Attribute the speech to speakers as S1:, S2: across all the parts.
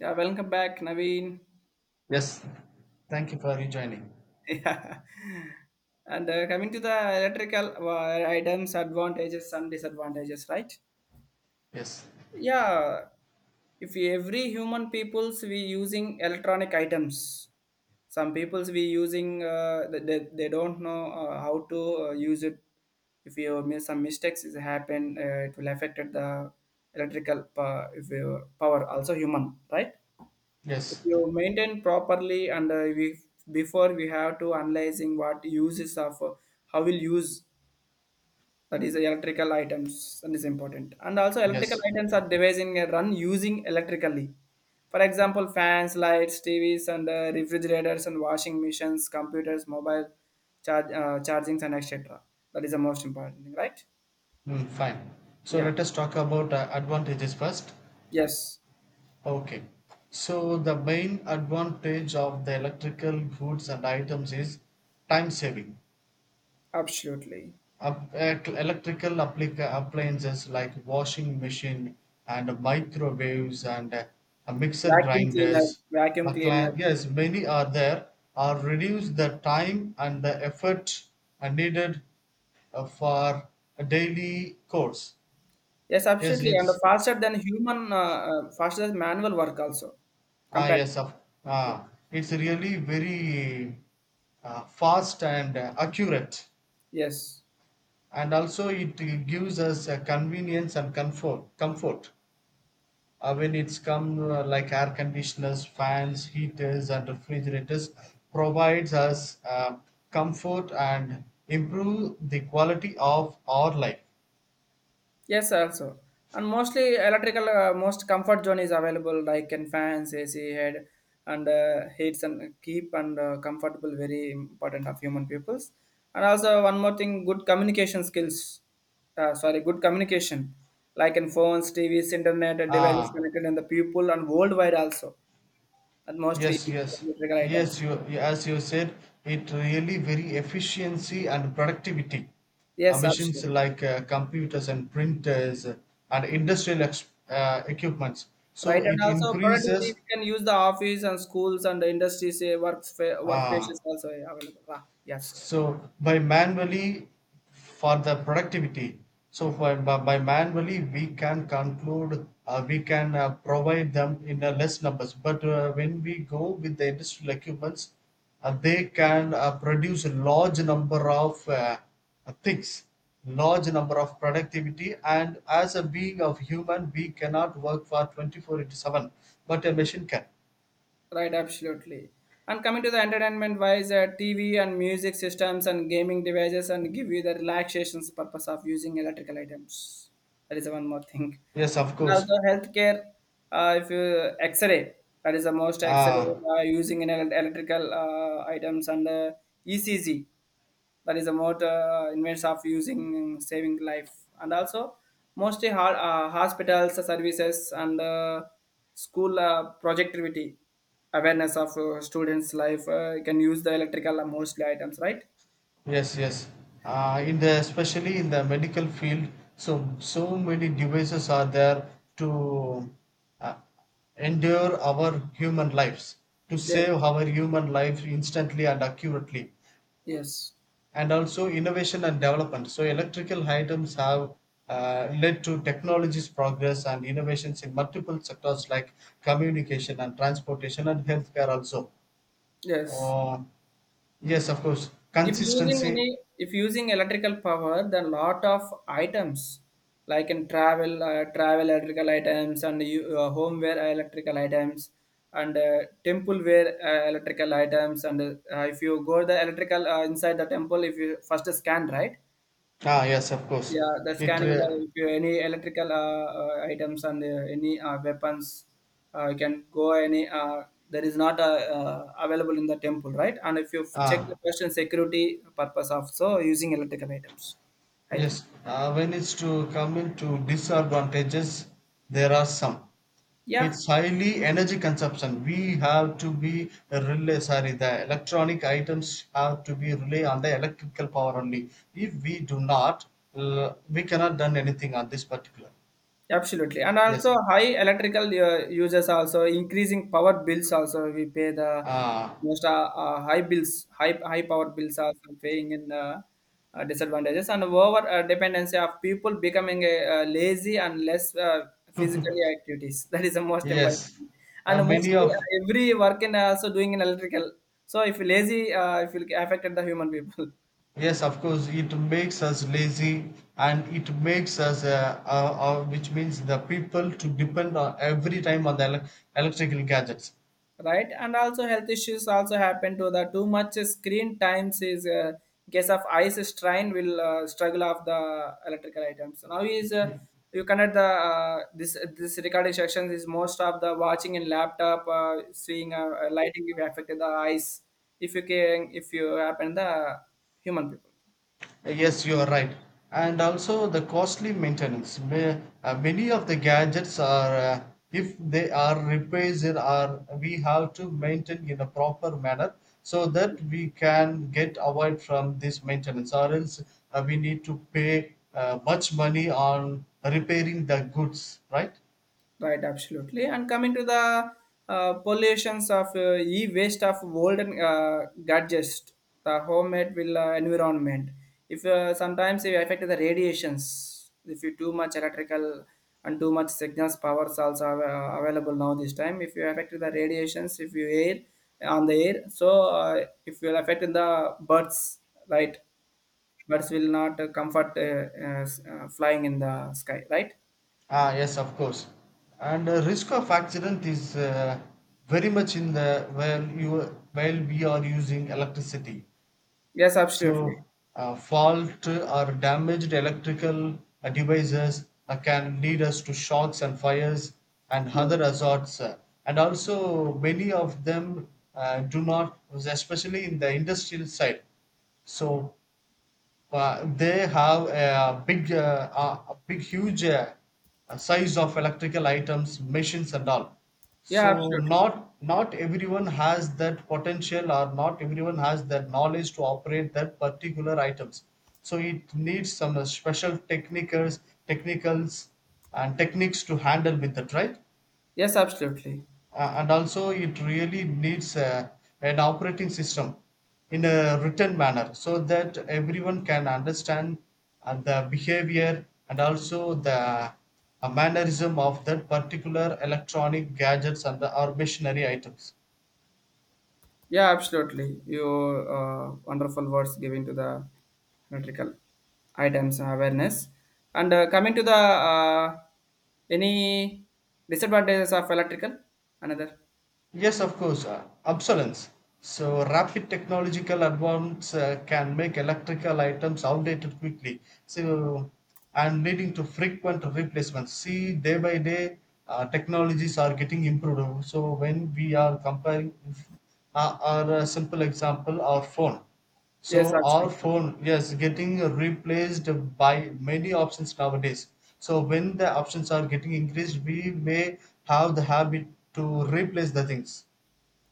S1: Yeah, welcome back, Naveen.
S2: Yes. Thank you for rejoining.
S1: Yeah. And coming to the electrical items, advantages and disadvantages, right?
S2: Yes.
S1: Yeah. If every human peoples we using electronic items, some peoples we using they don't know how to use it. If you make some mistakes is happen, it will affect the electrical if you, power. Also human, right? If
S2: Yes.
S1: you maintain properly and we before we have to analyzing what uses of how will use that is electrical items and is important and also electrical
S2: Yes.
S1: items are devising a run using electrically, for example, fans, lights, TVs, and refrigerators, and washing machines, computers, mobile charge chargings, and etc. That is the most important thing, right?
S2: Mm, fine. So
S1: Yeah.
S2: let us talk about advantages first.
S1: Yes,
S2: Okay. So the main advantage of the electrical goods and items is time saving.
S1: absolutely.
S2: Up, electrical appliances like washing machine and microwaves and mixer
S1: Vacuum cleaner,
S2: grinders.
S1: vacuum cleaner.
S2: Yes, many are there. Are reduce the time and the effort needed for a daily course.
S1: Yes,
S2: Yes,
S1: absolutely, and the
S2: it's
S1: faster than human, faster than manual work also,
S2: ah
S1: compared to-
S2: yes of
S1: Yeah.
S2: ah it's really very fast and accurate,
S1: Yes,
S2: and also it gives us convenience and comfort. Comfort. I mean, it's come like air conditioners, fans, heaters, and refrigerators provides us comfort and improve the quality of our life.
S1: yes, also, and mostly electrical, most comfort zone is available, like in fans, AC, head, and heats and keep and comfortable, very important of human peoples, and also one more thing, good communication skills. Sorry, good communication, like in phones, TVs, internet, and devices
S2: Ah,
S1: connected, in the people and worldwide also, and mostly
S2: yes, yes,
S1: electrical
S2: yes.
S1: items.
S2: You as you said, it really very efficiency and productivity.
S1: Yes,
S2: Machines
S1: absolutely.
S2: like computers and printers and industrial equipments. So
S1: Right, and
S2: it
S1: also productivity,
S2: increases.
S1: we can use the office and schools and the industries, say workplaces
S2: Ah,
S1: also eh, available. Ah, yes, right,
S2: so by manually for the productivity. So by manually we can conclude, we can provide them in a less numbers. But when we go with the industrial equipments, they can produce a large number of things, large number of productivity. And as a being of human, we cannot work for 24 into 7, but a machine can.
S1: right, absolutely. And coming to the entertainment wise, TV and music systems and gaming devices, and give you the relaxations purpose of using electrical items. That is one more thing.
S2: Yes, of
S1: And
S2: course.
S1: also healthcare, if you X-ray, that is the most
S2: Uh,
S1: X-ray using in electrical items, and ECG, that is the most invents of using saving life, and also mostly hospitals services, and school projectivity awareness of students life can use the electrical mostly items, right?
S2: Yes, yes.
S1: Yeah.
S2: In the especially in the medical field, so many devices are there to uh, endure our human lives, to
S1: Yes,
S2: save our human life instantly and accurately,
S1: yes,
S2: and also innovation and development. So electrical items have led to technology's progress and innovations in multiple sectors like communication and transportation and healthcare also.
S1: yes.
S2: Uh, yes, of course.
S1: If using
S2: Consistency
S1: any, if using electrical power, then lot of items, like in travel travel electrical items, and you, home wear electrical items, and temple wear electrical items, and if you go the electrical inside the temple, if you first scan, right?
S2: ah, yes, of course.
S1: Yeah, the
S2: It
S1: scanning the, if you any electrical items, and any weapons, you can go any there is not available in the temple, right? And if you check the
S2: ah
S1: question security purpose of so using electrical items, I think.
S2: yes. When it's to come into disadvantages, there are some.
S1: Yeah.
S2: It's highly energy consumption. We have to be rely. Sorry, the electronic items have to be rely on the electrical power only. If we do not, we cannot done anything on this particular.
S1: Absolutely, and
S2: Yes.
S1: also high electrical uses, also increasing power bills, also we pay the
S2: Ah,
S1: most high bills, high power bills also paying in disadvantages, and over dependency of people becoming a, lazy and less physically activities that is the most important
S2: yes.
S1: thing. And
S2: Many
S1: mostly
S2: of
S1: every work in also doing in electrical, so if lazy if you affected the human people
S2: yes, of course, it makes us lazy and it makes us, which means the people to depend on every time on the electrical gadgets.
S1: right, and also health issues also happen to the too much screen times is case of eyes strain will struggle of the electrical items now is you connect the this recording sections is most of the watching in laptop seeing lighting will affect the eyes if you can, if you happen the human people.
S2: Yes, you are right. And also the costly maintenance. Many of the gadgets are, if they are repairs, it are we have to maintain in a proper manner so that we can get avoid from this maintenance, or else we need to pay much money on repairing the goods, right?
S1: Right, absolutely. And coming to the pollutions of e-waste of old gadgets, the homemade will environment. If sometimes it affect the radiations, if you too much electrical and too much signals powers also available now this time. If you affect the radiations, if you air on the air, so if you affect in the birds, right? Birds will not comfort flying in the sky, right?
S2: Ah, yes, of course. And risk of accident is very much in the while you while we are using electricity.
S1: Yes, absolutely.
S2: So, fault or damaged electrical devices can lead us to shocks and fires and
S1: Yeah.
S2: other hazards. Uh, and also, many of them do not, especially in the industrial side. So, they have a a big, huge size of electrical items, machines, and all.
S1: Yeah,
S2: So
S1: absolutely.
S2: not everyone has that potential, or not everyone has that knowledge to operate that particular items. So it needs some special technicals, technicals, and techniques to handle with that, right?
S1: Yes, absolutely.
S2: And also it really needs a, an operating system in a written manner so that everyone can understand the behavior and also the mannerism of that particular electronic gadgets and the, or machinery items
S1: Yeah, absolutely. Your wonderful words given to the electrical items awareness. And coming to the any disadvantages of electrical, another.
S2: yes, of course, obsolescence. So, rapid technological advance can make electrical items outdated quickly. So, and leading to frequent replacements. See, day by day, technologies are getting improved. So, when we are comparing, our simple example, our phone.
S1: Yes,
S2: So our
S1: absolutely.
S2: phone, yes, getting replaced by many options nowadays. So when the options are getting increased, we may have the habit to replace the things.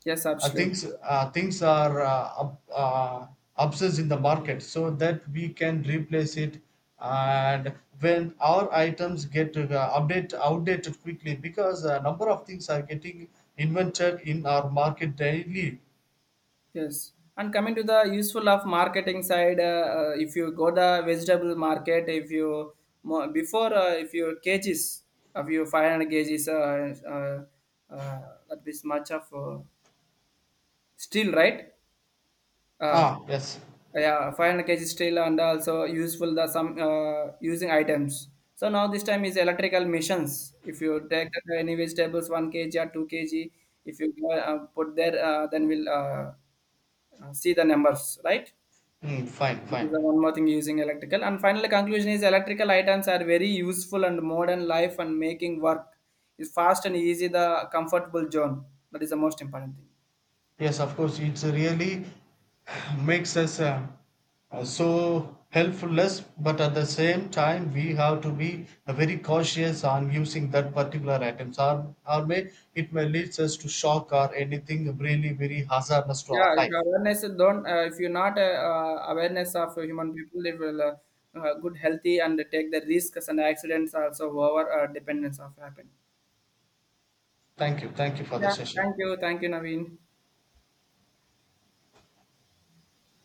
S1: Yes, absolutely.
S2: Things are obsessed in the market, so that we can replace it. And when our items get update outdated quickly, because a number of things are getting invented in our market daily.
S1: Yes. And coming to the useful of marketing side, if you go the vegetable market, if you before if your cages of your 500 cages that is much of still, right? Uh,
S2: Ah, yes.
S1: yeah, 500 kg steel, and also useful the some using items. So now this time is electrical machines. If you take the any vegetables 1 kg or 2 kg, if you put there, then we'll see the numbers, right?
S2: Hmm, fine,
S1: That
S2: fine.
S1: is the one more thing using electrical. And finally, conclusion is electrical items are very useful and modern life, and making work is fast and easy, the comfortable zone. That is the most important thing.
S2: Yes, of course, it really makes us so helpfulness, but at the same time, we have to be very cautious on using that particular items, or may it may lead us to shock or anything really very hazardous to our
S1: Yeah, if
S2: life.
S1: awareness is don't, if you're not awareness of human people, it will good healthy, and take the risks and accidents also over dependence of happen.
S2: Thank you for the
S1: Yeah,
S2: session.
S1: thank you, Naveen.